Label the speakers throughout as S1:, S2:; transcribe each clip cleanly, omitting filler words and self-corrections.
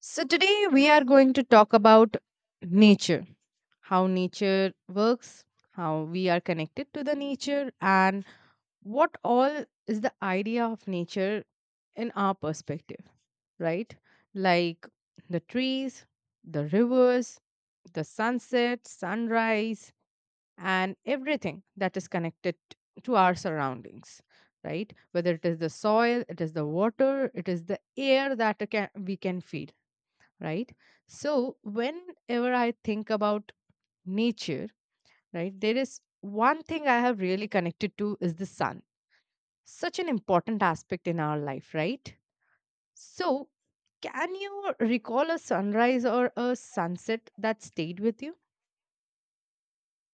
S1: So, today we are going to talk about nature, how nature works, how we are connected to the nature, and what all is the idea of nature in our perspective, right? Like the trees, the rivers, the sunset, sunrise, and everything that is connected to our surroundings, right? Whether it is the soil, it is the water, it is the air that it can, we can feel, right? So, whenever I think about nature, right, there is one thing I have really connected to is the sun. Such an important aspect in our life, right? So, can you recall a sunrise or a sunset that stayed with you?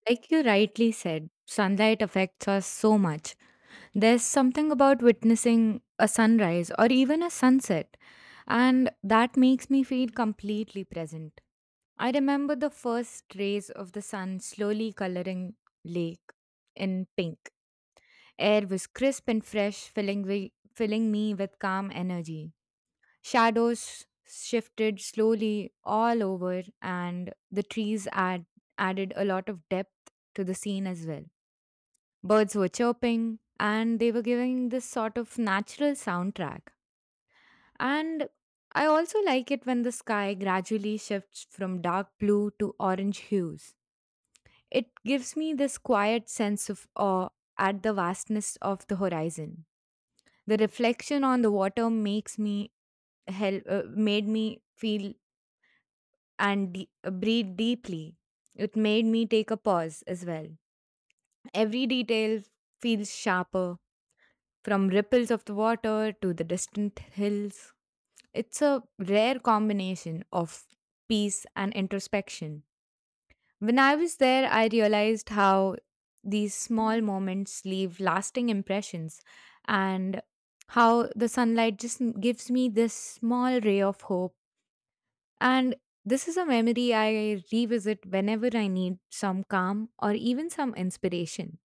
S2: Like you rightly said, sunlight affects us so much. There's something about witnessing a sunrise or even a sunset, and that makes me feel completely present. I remember the first rays of the sun slowly coloring lake in pink. Air was crisp and fresh, filling me with calm energy. Shadows shifted slowly all over, and the added a lot of depth to the scene as well. Birds were chirping, and they were giving this sort of natural soundtrack. And I also like it when the sky gradually shifts from dark blue to orange hues. It gives me this quiet sense of awe at the vastness of the horizon. The reflection on the water makes me help made me feel and breathe deeply. It made me take a pause as well. Every detail feels sharper, from ripples of the water to the distant hills. It's a rare combination of peace and introspection. When I was there, I realized how these small moments leave lasting impressions and how the sunlight just gives me this small ray of hope. And this is a memory I revisit whenever I need some calm or even some inspiration.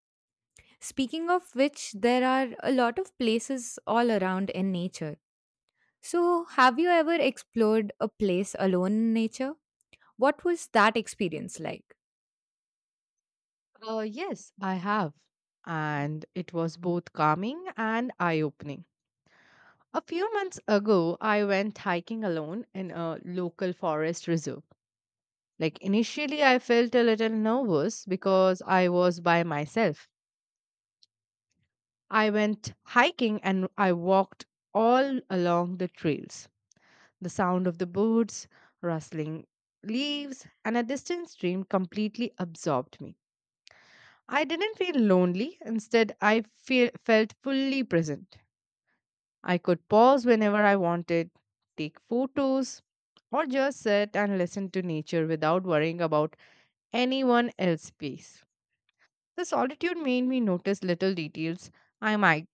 S2: Speaking of which, there are a lot of places all around in nature. So, have you ever explored a place alone in nature? What was that experience like?
S1: Yes, I have. And it was both calming and eye opening. A few months ago, I went hiking alone in a local forest reserve. Like initially, I felt a little nervous because I was by myself. I went hiking and I walked all along the trails. The sound of the birds, rustling leaves, and a distant stream completely absorbed me. I didn't feel lonely, instead, I felt fully present. I could pause whenever I wanted, take photos, or just sit and listen to nature without worrying about anyone else's peace. The solitude made me notice little details I might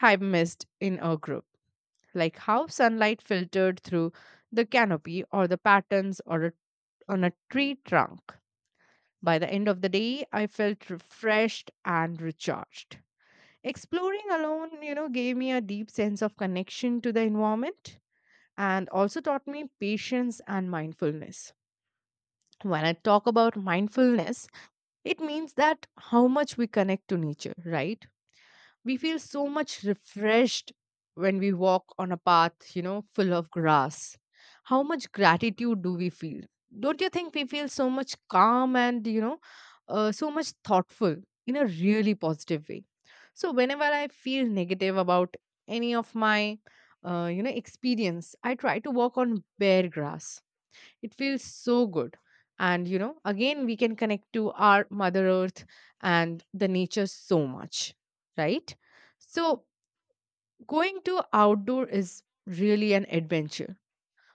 S1: have missed in a group, like how sunlight filtered through the canopy or the patterns on a tree trunk. By the end of the day, I felt refreshed and recharged. Exploring alone, gave me a deep sense of connection to the environment and also taught me patience and mindfulness. When I talk about mindfulness, it means that how much we connect to nature, right? We feel so much refreshed when we walk on a path, full of grass. How much gratitude do we feel? Don't you think we feel so much calm and, so much thoughtful in a really positive way? So, whenever I feel negative about any of my, experience, I try to walk on bare grass, it feels so good. And, again, we can connect to our Mother Earth and the nature so much, right? So, going to outdoor is really an adventure.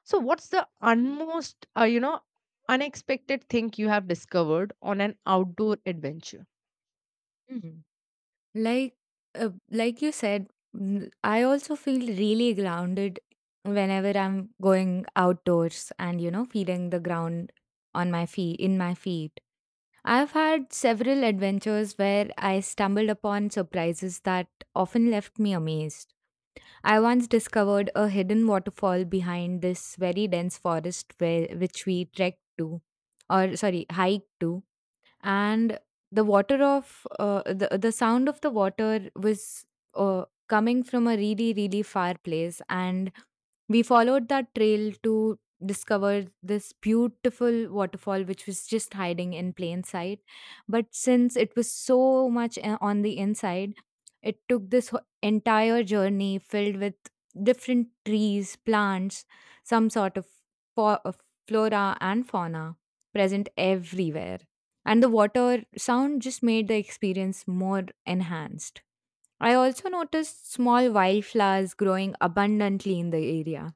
S1: So, what's the unmost, unexpected thing you have discovered on an outdoor adventure?
S2: Mm. Like, like you said, I also feel really grounded whenever I'm going outdoors and you know feeling the ground on my feet, in my feet. I've had several adventures where I stumbled upon surprises that often left me amazed. I once discovered a hidden waterfall behind this very dense forest which we trekked to, or sorry, hiked to, and the sound of the water was coming from a really really far place, and we followed that trail to discover this beautiful waterfall which was just hiding in plain sight. But since it was so much on the inside, it took this entire journey filled with different trees, plants, some sort of fo- uh, flora and fauna present everywhere, and the water sound just made the experience more enhanced. I also noticed small wildflowers growing abundantly in the area.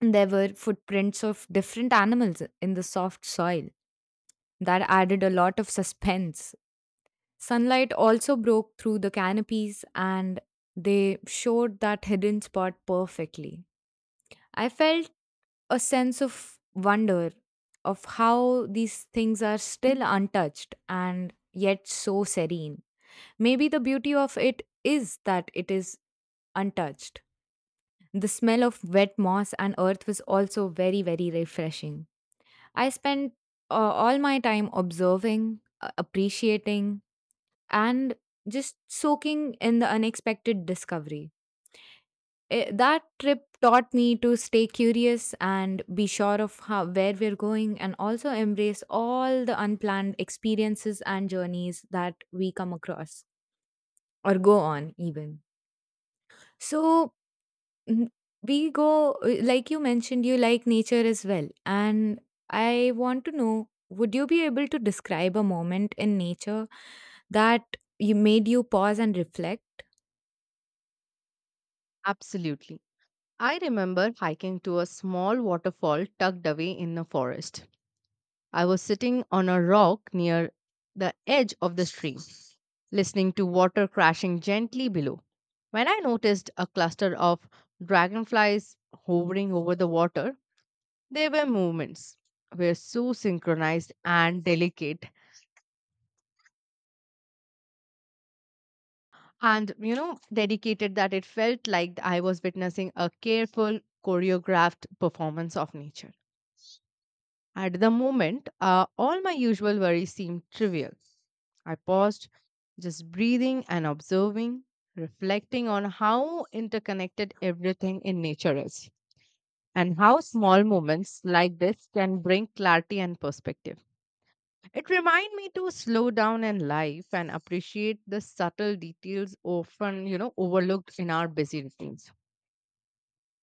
S2: There were footprints of different animals in the soft soil. That added a lot of suspense. Sunlight also broke through the canopies and they showed that hidden spot perfectly. I felt a sense of wonder of how these things are still untouched and yet so serene. Maybe the beauty of it is that it is untouched. The smell of wet moss and earth was also very, very refreshing. I spent uh, all my time observing, appreciating, and just soaking in the unexpected discovery. That trip taught me to stay curious and be sure of how, where we're going, and also embrace all the unplanned experiences and journeys that we come across or go on even. so mm, like you mentioned, you like nature as well, and I want to know, would you be able to describe a moment in nature that you made you pause and reflect?
S1: Absolutely. I remember hiking to a small waterfall tucked away in the forest. I was sitting on a rock near the edge of the stream listening to water crashing gently below. When I noticed a cluster of dragonflies hovering over the water, they were movements were so synchronized and delicate and you know dedicated that it felt like I was witnessing a careful choreographed performance of nature. At the moment, all my usual worries seemed trivial. I paused, just breathing and observing, reflecting on how interconnected everything in nature is and how small moments like this can bring clarity and perspective. It reminded me to slow down in life and appreciate the subtle details often, overlooked in our busy routines.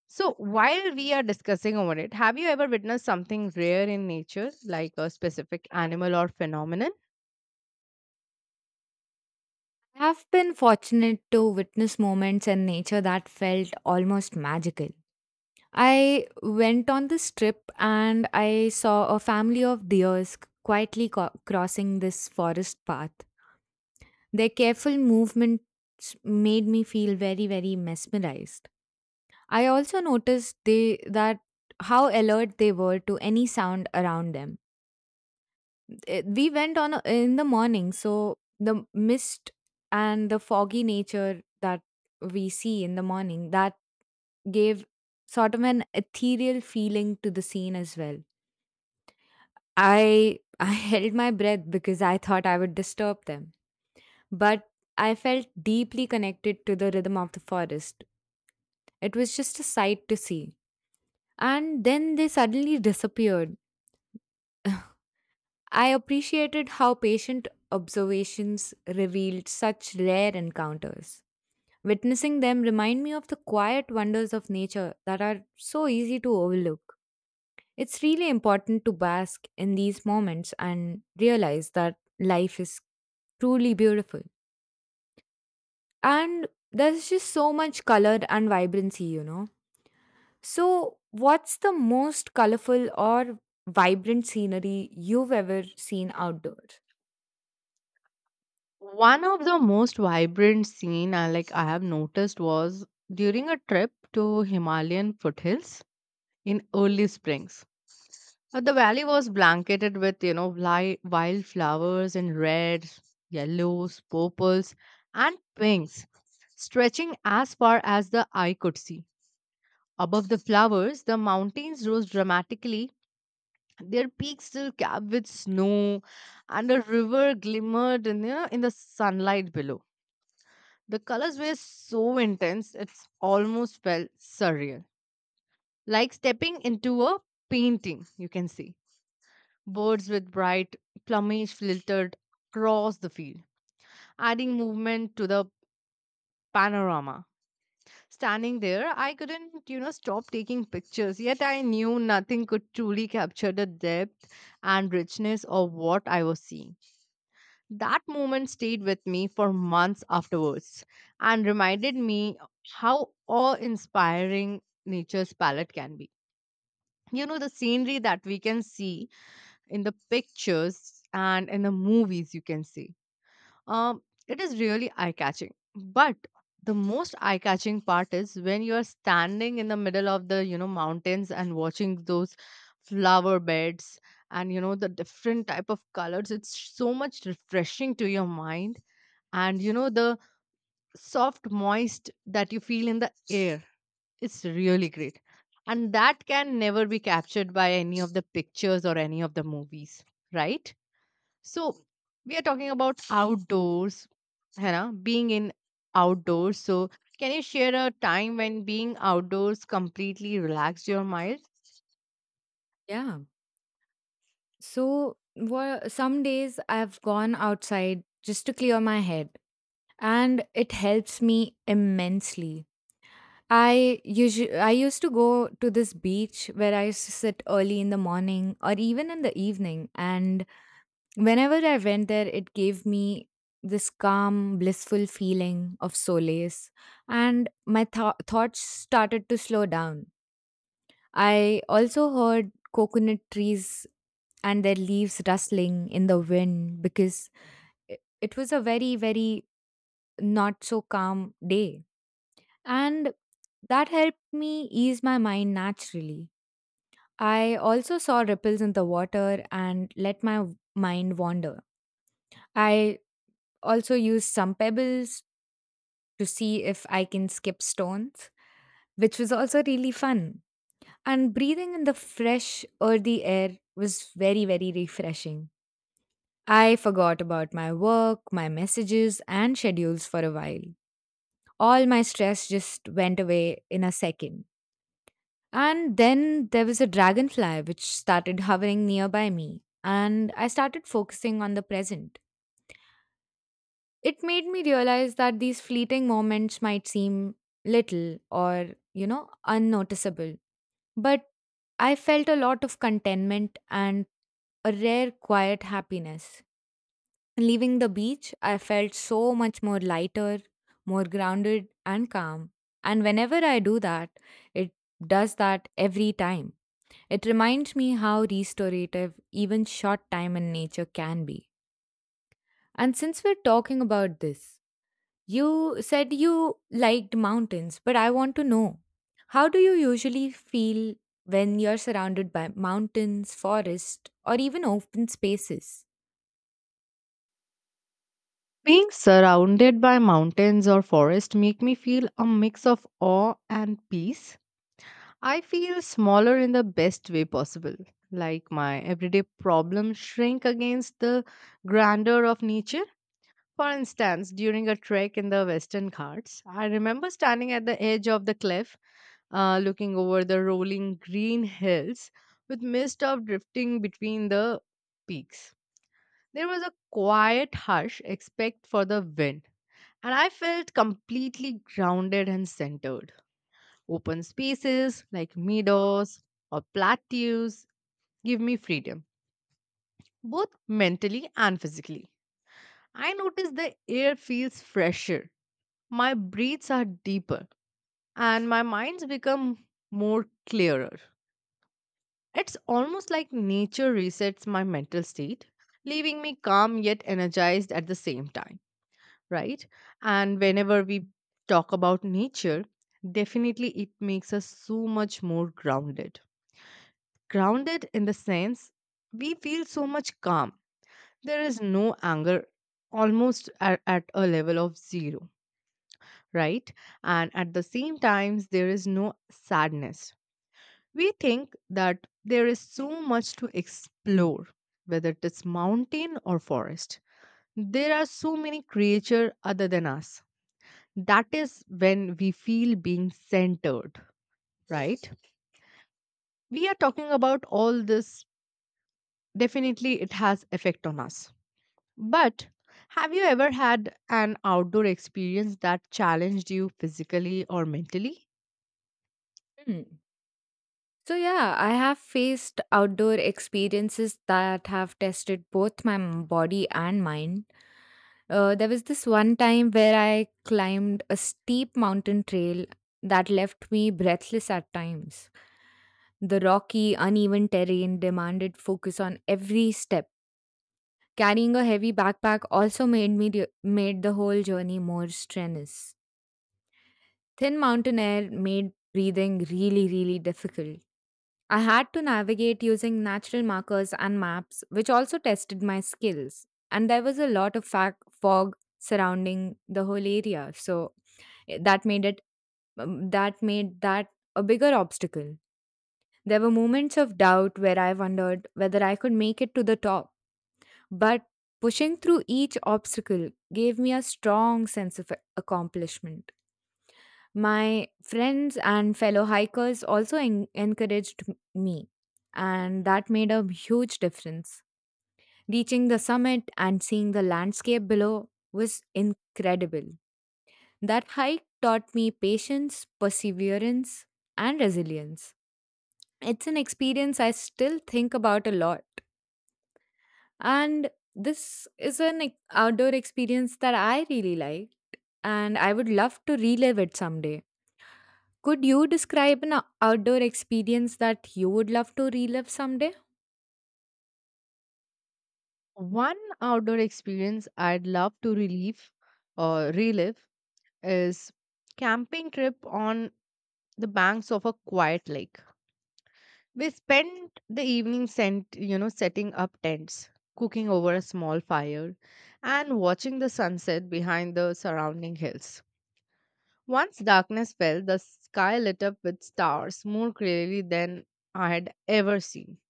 S1: So, while we are discussing over it, have you ever witnessed something rare in nature, like a specific animal or phenomenon?
S2: I have been fortunate to witness moments in nature that felt almost magical. I went on this trip and I saw a family of deers quietly crossing this forest path. Their careful movements made me feel very, very mesmerized. I also noticed they that how alert they were to any sound around them. We went in the morning, so the mist and the foggy nature that we see in the morning that gave sort of an ethereal feeling to the scene as well. I I held my breath because I thought I would disturb them. But I felt deeply connected to the rhythm of the forest. It was just a sight to see. And then they suddenly disappeared. I appreciated how patient observations revealed such rare encounters. Witnessing them remind me of the quiet wonders of nature that are so easy to overlook. It's really important to bask in these moments and realize that life is truly beautiful. And there's just so much color and vibrancy, you know. So, what's the most colorful or vibrant scenery you've ever seen outdoors?
S1: One of the most vibrant scene I have noticed was during a trip to Himalayan foothills in early springs. The valley was blanketed with wild flowers in reds, yellows, purples, and pinks, stretching as far as the eye could see. Above the flowers, the mountains rose dramatically. Their peaks still capped with snow, and a river glimmered in the sunlight below. The colors were so intense, it almost felt surreal. Like stepping into a painting, you can see. Birds with bright plumage flittered across the field, adding movement to the panorama. Standing there, I couldn't, stop taking pictures, yet I knew nothing could truly capture the depth and richness of what I was seeing. That moment stayed with me for months afterwards and reminded me how awe inspiring nature's palette can be. You know, the scenery that we can see in the pictures and in the movies, you can see. Um, it is really eye catching. But the most eye catching part is when you are standing in the middle of the, mountains and watching those flower beds and, the different type of colors. It's so much refreshing to your mind, and you know the soft moist that you feel in the air, it's really great, and that can never be captured by any of the pictures or any of the movies, right? So we are talking about outdoors, hannah being in outdoors, so can you share a time when being outdoors completely relaxed your mind?
S2: Yeah. So, some days I've gone outside just to clear my head, and it helps me immensely. I used to go to this beach where I used to sit early in the morning or even in the evening, and whenever I went there, it gave me this calm, blissful feeling of solace, and my thoughts started to slow down. I also heard coconut trees and their leaves rustling in the wind because it was a very, very not so calm day. And that helped me ease my mind naturally. I also saw ripples in the water and let my mind wander. I also use some pebbles to see if I can skip stones, which was also really fun. And breathing in the fresh, earthy air was very, very refreshing. I forgot about my work, my messages, and schedules for a while. All my stress just went away in a second. And then there was a dragonfly which started hovering nearby me, and I started focusing on the present. It made me realize that these fleeting moments might seem little or, you know, unnoticeable, but I felt a lot of contentment and a rare quiet happiness. Leaving the beach, I felt so much more lighter, more grounded, and calm. And whenever I do that, it does that every time. It reminds me how restorative even short time in nature can be. And since we're talking about this, you said you liked mountains, but I want to know, how do you usually feel when you're surrounded by mountains, forest, or even open spaces?
S1: Being surrounded by mountains or forest make me feel a mix of awe and peace. I feel smaller in the best way possible. Like my everyday problems shrink against the grandeur of nature. For instance, during a trek in the Western Ghats, I remember standing at the edge of the cliff, looking over the rolling green hills with mist of drifting between the peaks. There was a quiet hush, except for the wind, and I felt completely grounded and centered. Open spaces like meadows or plateaus give me freedom, both mentally and physically. I notice the air feels fresher, my breaths are deeper, and my minds become more clearer. It's almost like nature resets my mental state, leaving me calm yet energized at the same time, right? And whenever we talk about nature, definitely it makes us so much more grounded. Grounded in the sense we feel so much calm. There is no anger almost at a level of zero, right? And at the same times there is no sadness. We think that there is so much to explore, whether it is mountain or forest. There are so many creatures other than us. That is when we feel being centered, right? We are talking about all this. Definitely, it has effect on us. But have you ever had an outdoor experience that challenged you physically or mentally?
S2: Hmm. So, yeah, I have faced outdoor experiences that have tested both my body and mind. There was this one time where I climbed a steep mountain trail that left me breathless at times. The rocky, uneven terrain demanded focus on every step. Carrying a heavy backpack also made the whole journey more strenuous. Thin mountain air made breathing really really difficult. I had to navigate using natural markers and maps, which also tested my skills. And there was a lot of fag fog surrounding the whole area, so that made it that made that a bigger obstacle. There were moments of doubt where I wondered whether I could make it to the top, but pushing through each obstacle gave me a strong sense of accomplishment. My friends and fellow hikers also encouraged me, and that made a huge difference. Reaching the summit and seeing the landscape below was incredible. That hike taught me patience, perseverance, and resilience. It's an experience I still think about a lot. And this is an outdoor experience that I really like, and I would love to relive it someday. Could you describe an outdoor experience that you would love to relive someday?
S1: One outdoor experience I'd love to relive or relive is camping trip on the banks of a quiet lake. We spent the evening sent, setting up tents, cooking over a small fire, and watching the sunset behind the surrounding hills. Once darkness fell, the sky lit up with stars more clearly than I had ever seen,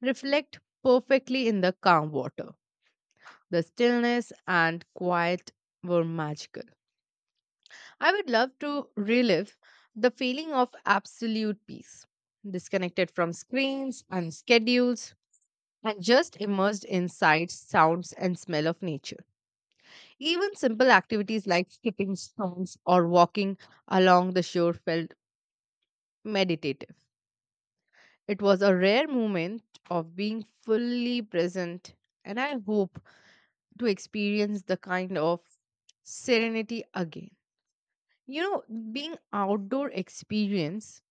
S1: reflect perfectly in the calm water. The stillness and quiet were magical. I would love to relive the feeling of absolute peace, disconnected from screens and schedules, and just immersed in sights, sounds, and smell of nature. Even simple activities like skipping stones or walking along the shore felt meditative. It was a rare moment of being fully present, and I hope to experience the kind of serenity again. You know, being outdoor experience,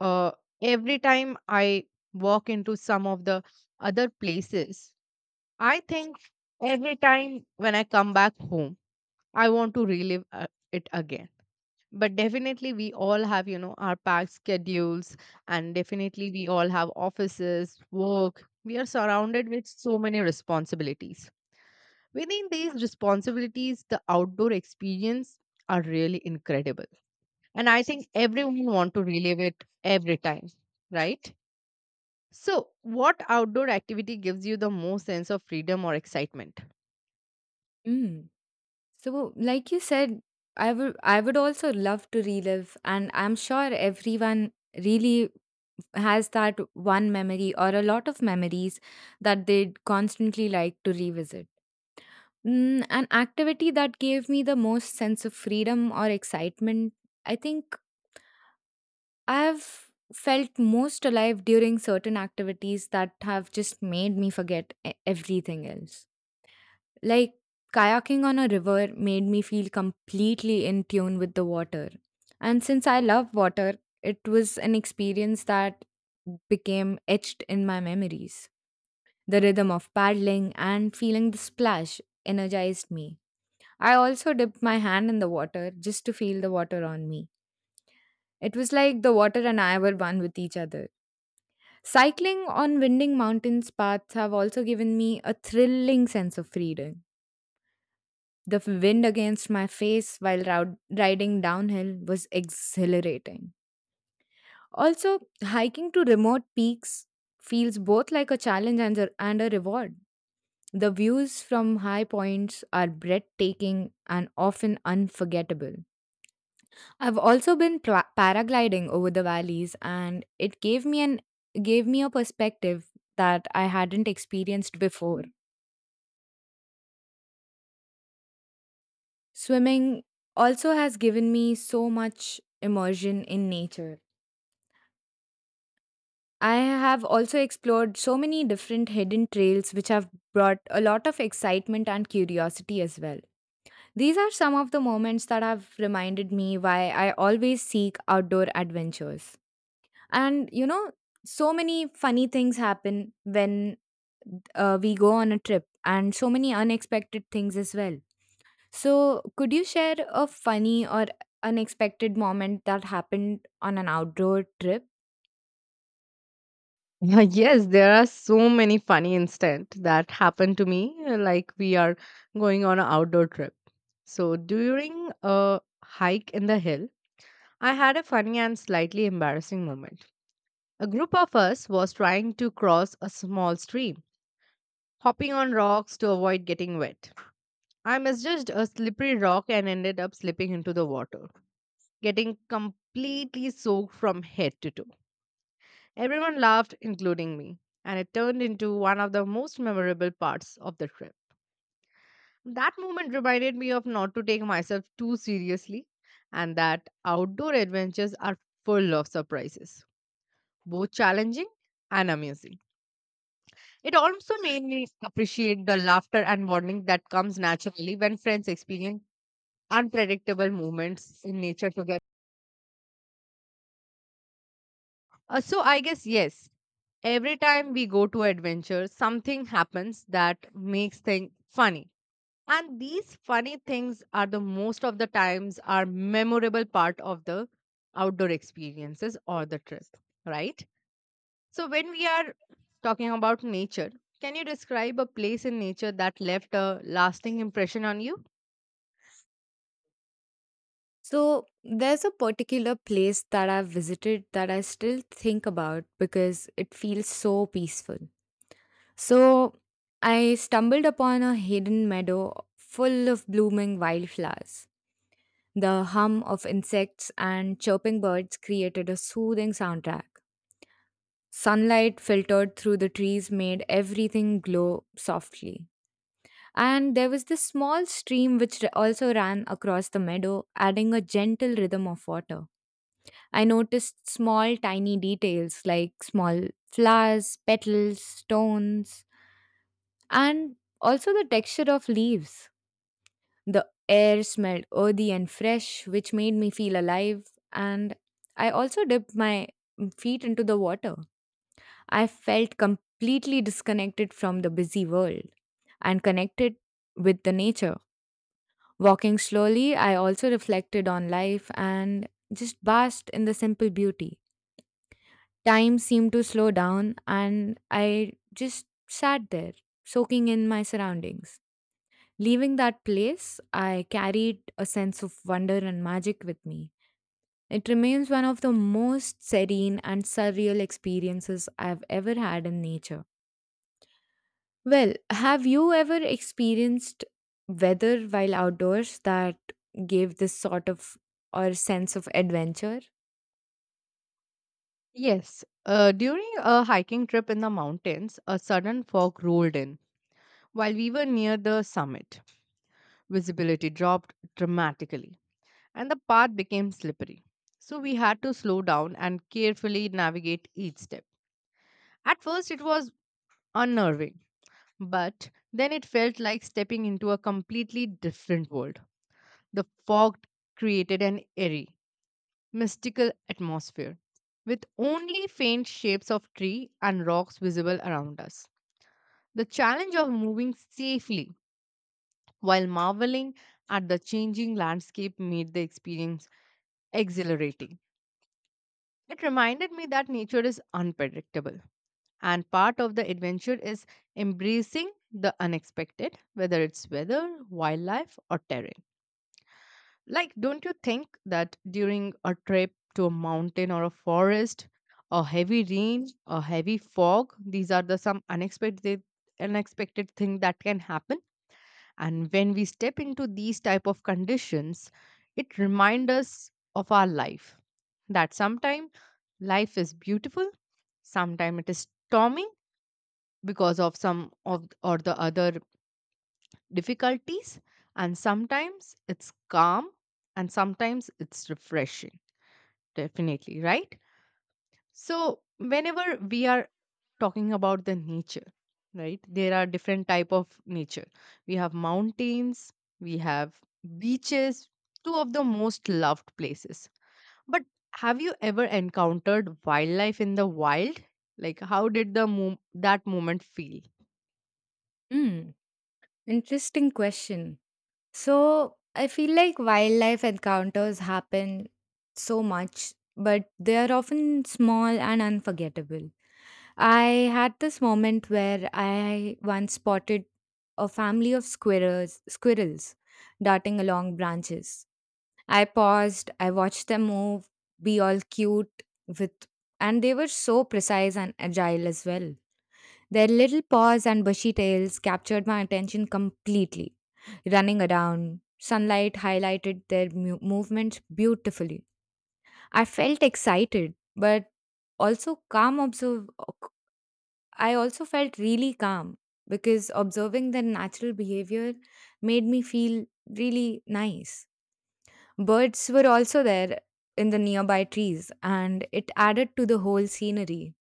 S1: uh, every time I walk into some of the other places, I think every time when I come back home, I want to relive it again. But definitely, we all have, our packed schedules, and definitely, we all have offices, work. We are surrounded with so many responsibilities. Within these responsibilities, the outdoor experience are really incredible. And I think everyone want to relive it every time, right? So, what outdoor activity gives you the most sense of freedom or excitement?
S2: Mm. So, like you said, I would also love to relive, and I'm sure everyone really has that one memory or a lot of memories that they'd constantly like to revisit. Mm, an activity that gave me the most sense of freedom or excitement, I think I've felt most alive during certain activities that have just made me forget everything else. Like kayaking on a river made me feel completely in tune with the water. And since I love water, it was an experience that became etched in my memories. The rhythm of paddling and feeling the splash energized me. I also dipped my hand in the water just to feel the water on me. It was like the water and I were one with each other. Cycling on winding mountains paths have also given me a thrilling sense of freedom. The wind against my face while riding downhill was exhilarating. Also, hiking to remote peaks feels both like a challenge and a reward. The views from high points are breathtaking and often unforgettable. I've also been paragliding over the valleys and it gave me a perspective that I hadn't experienced before. Swimming also has given me so much immersion in nature. I have also explored so many different hidden trails which have brought a lot of excitement and curiosity as well. These are some of the moments that have reminded me why I always seek outdoor adventures. And you know, so many funny things happen when we go on a trip, and so many unexpected things as well. So, could you share a funny or unexpected moment that happened on an outdoor trip?
S1: Yeah, yes, there are so many funny incidents that happened to me. Like we are going on an outdoor trip. So during a hike in the hill, I had a funny and slightly embarrassing moment. A group of us was trying to cross a small stream, hopping on rocks to avoid getting wet. I misjudged a slippery rock and ended up slipping into the water, getting completely soaked from head to toe. Everyone laughed, including me, and it turned into one of the most memorable parts of the trip. That moment reminded me of not to take myself too seriously and that outdoor adventures are full of surprises, both challenging and amusing. It also made me appreciate the laughter and bonding that comes naturally when friends experience unpredictable moments in nature together. So I guess yes, every time we go to adventure, something happens that makes things funny. And these funny things are the most of the times are memorable part of the outdoor experiences or the trip, right? So when we are talking about nature, can you describe a place in nature that left a lasting impression on you?
S2: So, there's a particular place that I've visited that I still think about because it feels so peaceful. So, I stumbled upon a hidden meadow full of blooming wildflowers. The hum of insects and chirping birds created a soothing soundtrack. Sunlight filtered through the trees made everything glow softly. And there was this small stream which also ran across the meadow, adding a gentle rhythm of water. I noticed small, tiny details like small flowers, petals, stones, and also the texture of leaves. The air smelled earthy and fresh, which made me feel alive. And I also dipped my feet into the water. I felt completely disconnected from the busy world and connected with the nature. Walking slowly, I also reflected on life and just basked in the simple beauty. Time seemed to slow down, and I just sat there, soaking in my surroundings. Leaving that place, I carried a sense of wonder and magic with me. It remains one of the most serene and surreal experiences I've ever had in nature. Well, have you ever experienced weather while outdoors that gave this sort of or sense of adventure?
S1: Yes. During a hiking trip in the mountains, a sudden fog rolled in while we were near the summit. Visibility dropped dramatically, and the path became slippery. So we had to slow down and carefully navigate each step. At first, it was unnerving, but then it felt like stepping into a completely different world. The fog created an eerie, mystical atmosphere with only faint shapes of tree and rocks visible around us. The challenge of moving safely while marveling at the changing landscape made the experience exhilarating. It reminded me that nature is unpredictable, and part of the adventure is embracing the unexpected, whether it's weather, wildlife, or terrain. Like, don't you think that during a trip to a mountain or a forest, a heavy rain, a heavy fog, these are the some unexpected thing that can happen, and when we step into these type of conditions it reminds us of our life that sometimes life is beautiful. Sometimes it is stormy because of some of or the other difficulties, and sometimes it's calm and sometimes it's refreshing. Definitely, right? So whenever we are talking about the nature, right? There are different type of nature. We have mountains, we have beaches, two of the most loved places. But have you ever encountered wildlife in the wild? Like, how did that moment feel?
S2: Hmm, Interesting question. So, I feel like wildlife encounters happen so much, but they are often small and unforgettable. I had this moment where I once spotted a family of squirrels darting along branches. I paused, I watched them move, be all cute with and they were so precise and agile as well. Their little paws and bushy tails captured my attention completely. Running around, sunlight highlighted their movements beautifully. I felt excited, but also calm observe I also felt really calm because observing their natural behavior made me feel really nice. Birds were also there in the nearby trees, and it added to the whole scenery.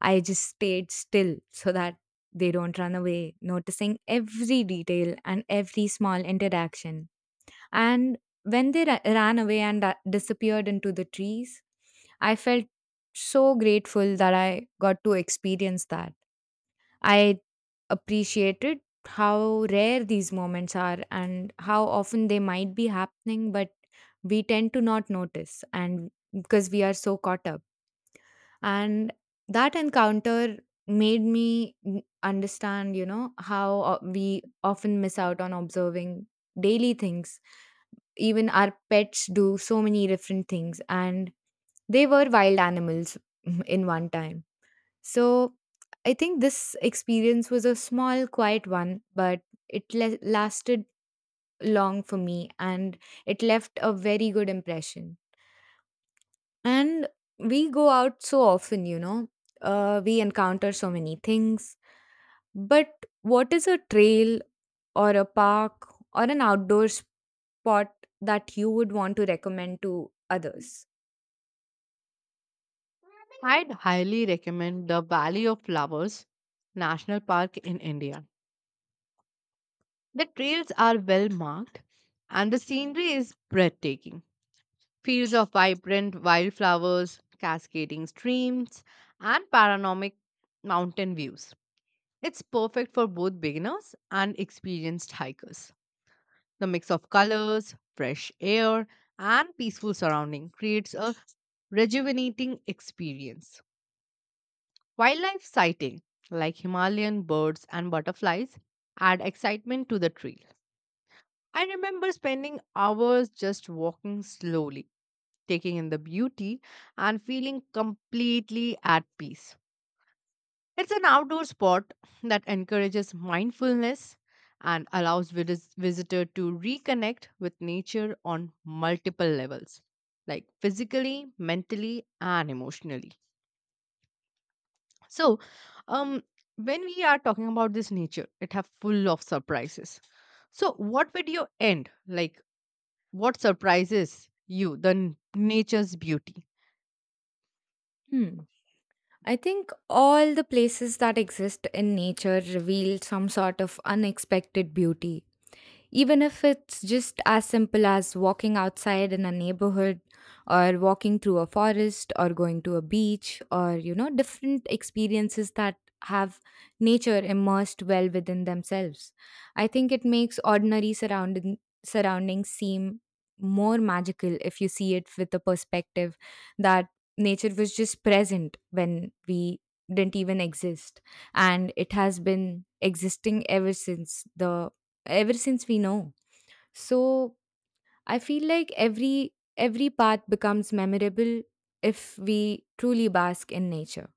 S2: I just stayed still so that they don't run away, noticing every detail and every small interaction. And when they ran away and disappeared into the trees, I felt so grateful that I got to experience that. I appreciated how rare these moments are and how often they might be happening, but we tend to not notice and because we are so caught up and that encounter made me understand you know how we often miss out on observing daily things. Even our pets do so many different things, and they were wild animals in one time. So I think this experience was a small quiet one, but it lasted long for me, and it left a very good impression. And we go out so often, you know, we encounter so many things. But what is a trail or a park or an outdoor spot that you would want to recommend to others?
S1: I'd highly recommend the Valley of Flowers National Park in India. The trails are well marked, and the scenery is breathtaking. Fields of vibrant wildflowers, cascading streams, and panoramic mountain views. It's perfect for both beginners and experienced hikers. The mix of colors, fresh air, and peaceful surrounding creates a rejuvenating experience. Wildlife sighting, like Himalayan birds and butterflies, add excitement to the trail. I remember spending hours just walking slowly, taking in the beauty and feeling completely at peace. It's an outdoor spot that encourages mindfulness and allows visitor to reconnect with nature on multiple levels, like physically, mentally, and emotionally. So, um, when we are talking about this nature, it have full of surprises. So, what would you end? Like, what surprises you? Nature's beauty.
S2: Hmm. I think all the places that exist in nature reveal some sort of unexpected beauty, even if it's just as simple as walking outside in a neighborhood or walking through a forest or going to a beach or you know different experiences that have nature immersed well within themselves. I think it makes ordinary surrounding surroundings seem more magical if you see it with the perspective that nature was just present when we didn't even exist, and it has been existing ever since we know. So I feel like every path becomes memorable if we truly bask in nature.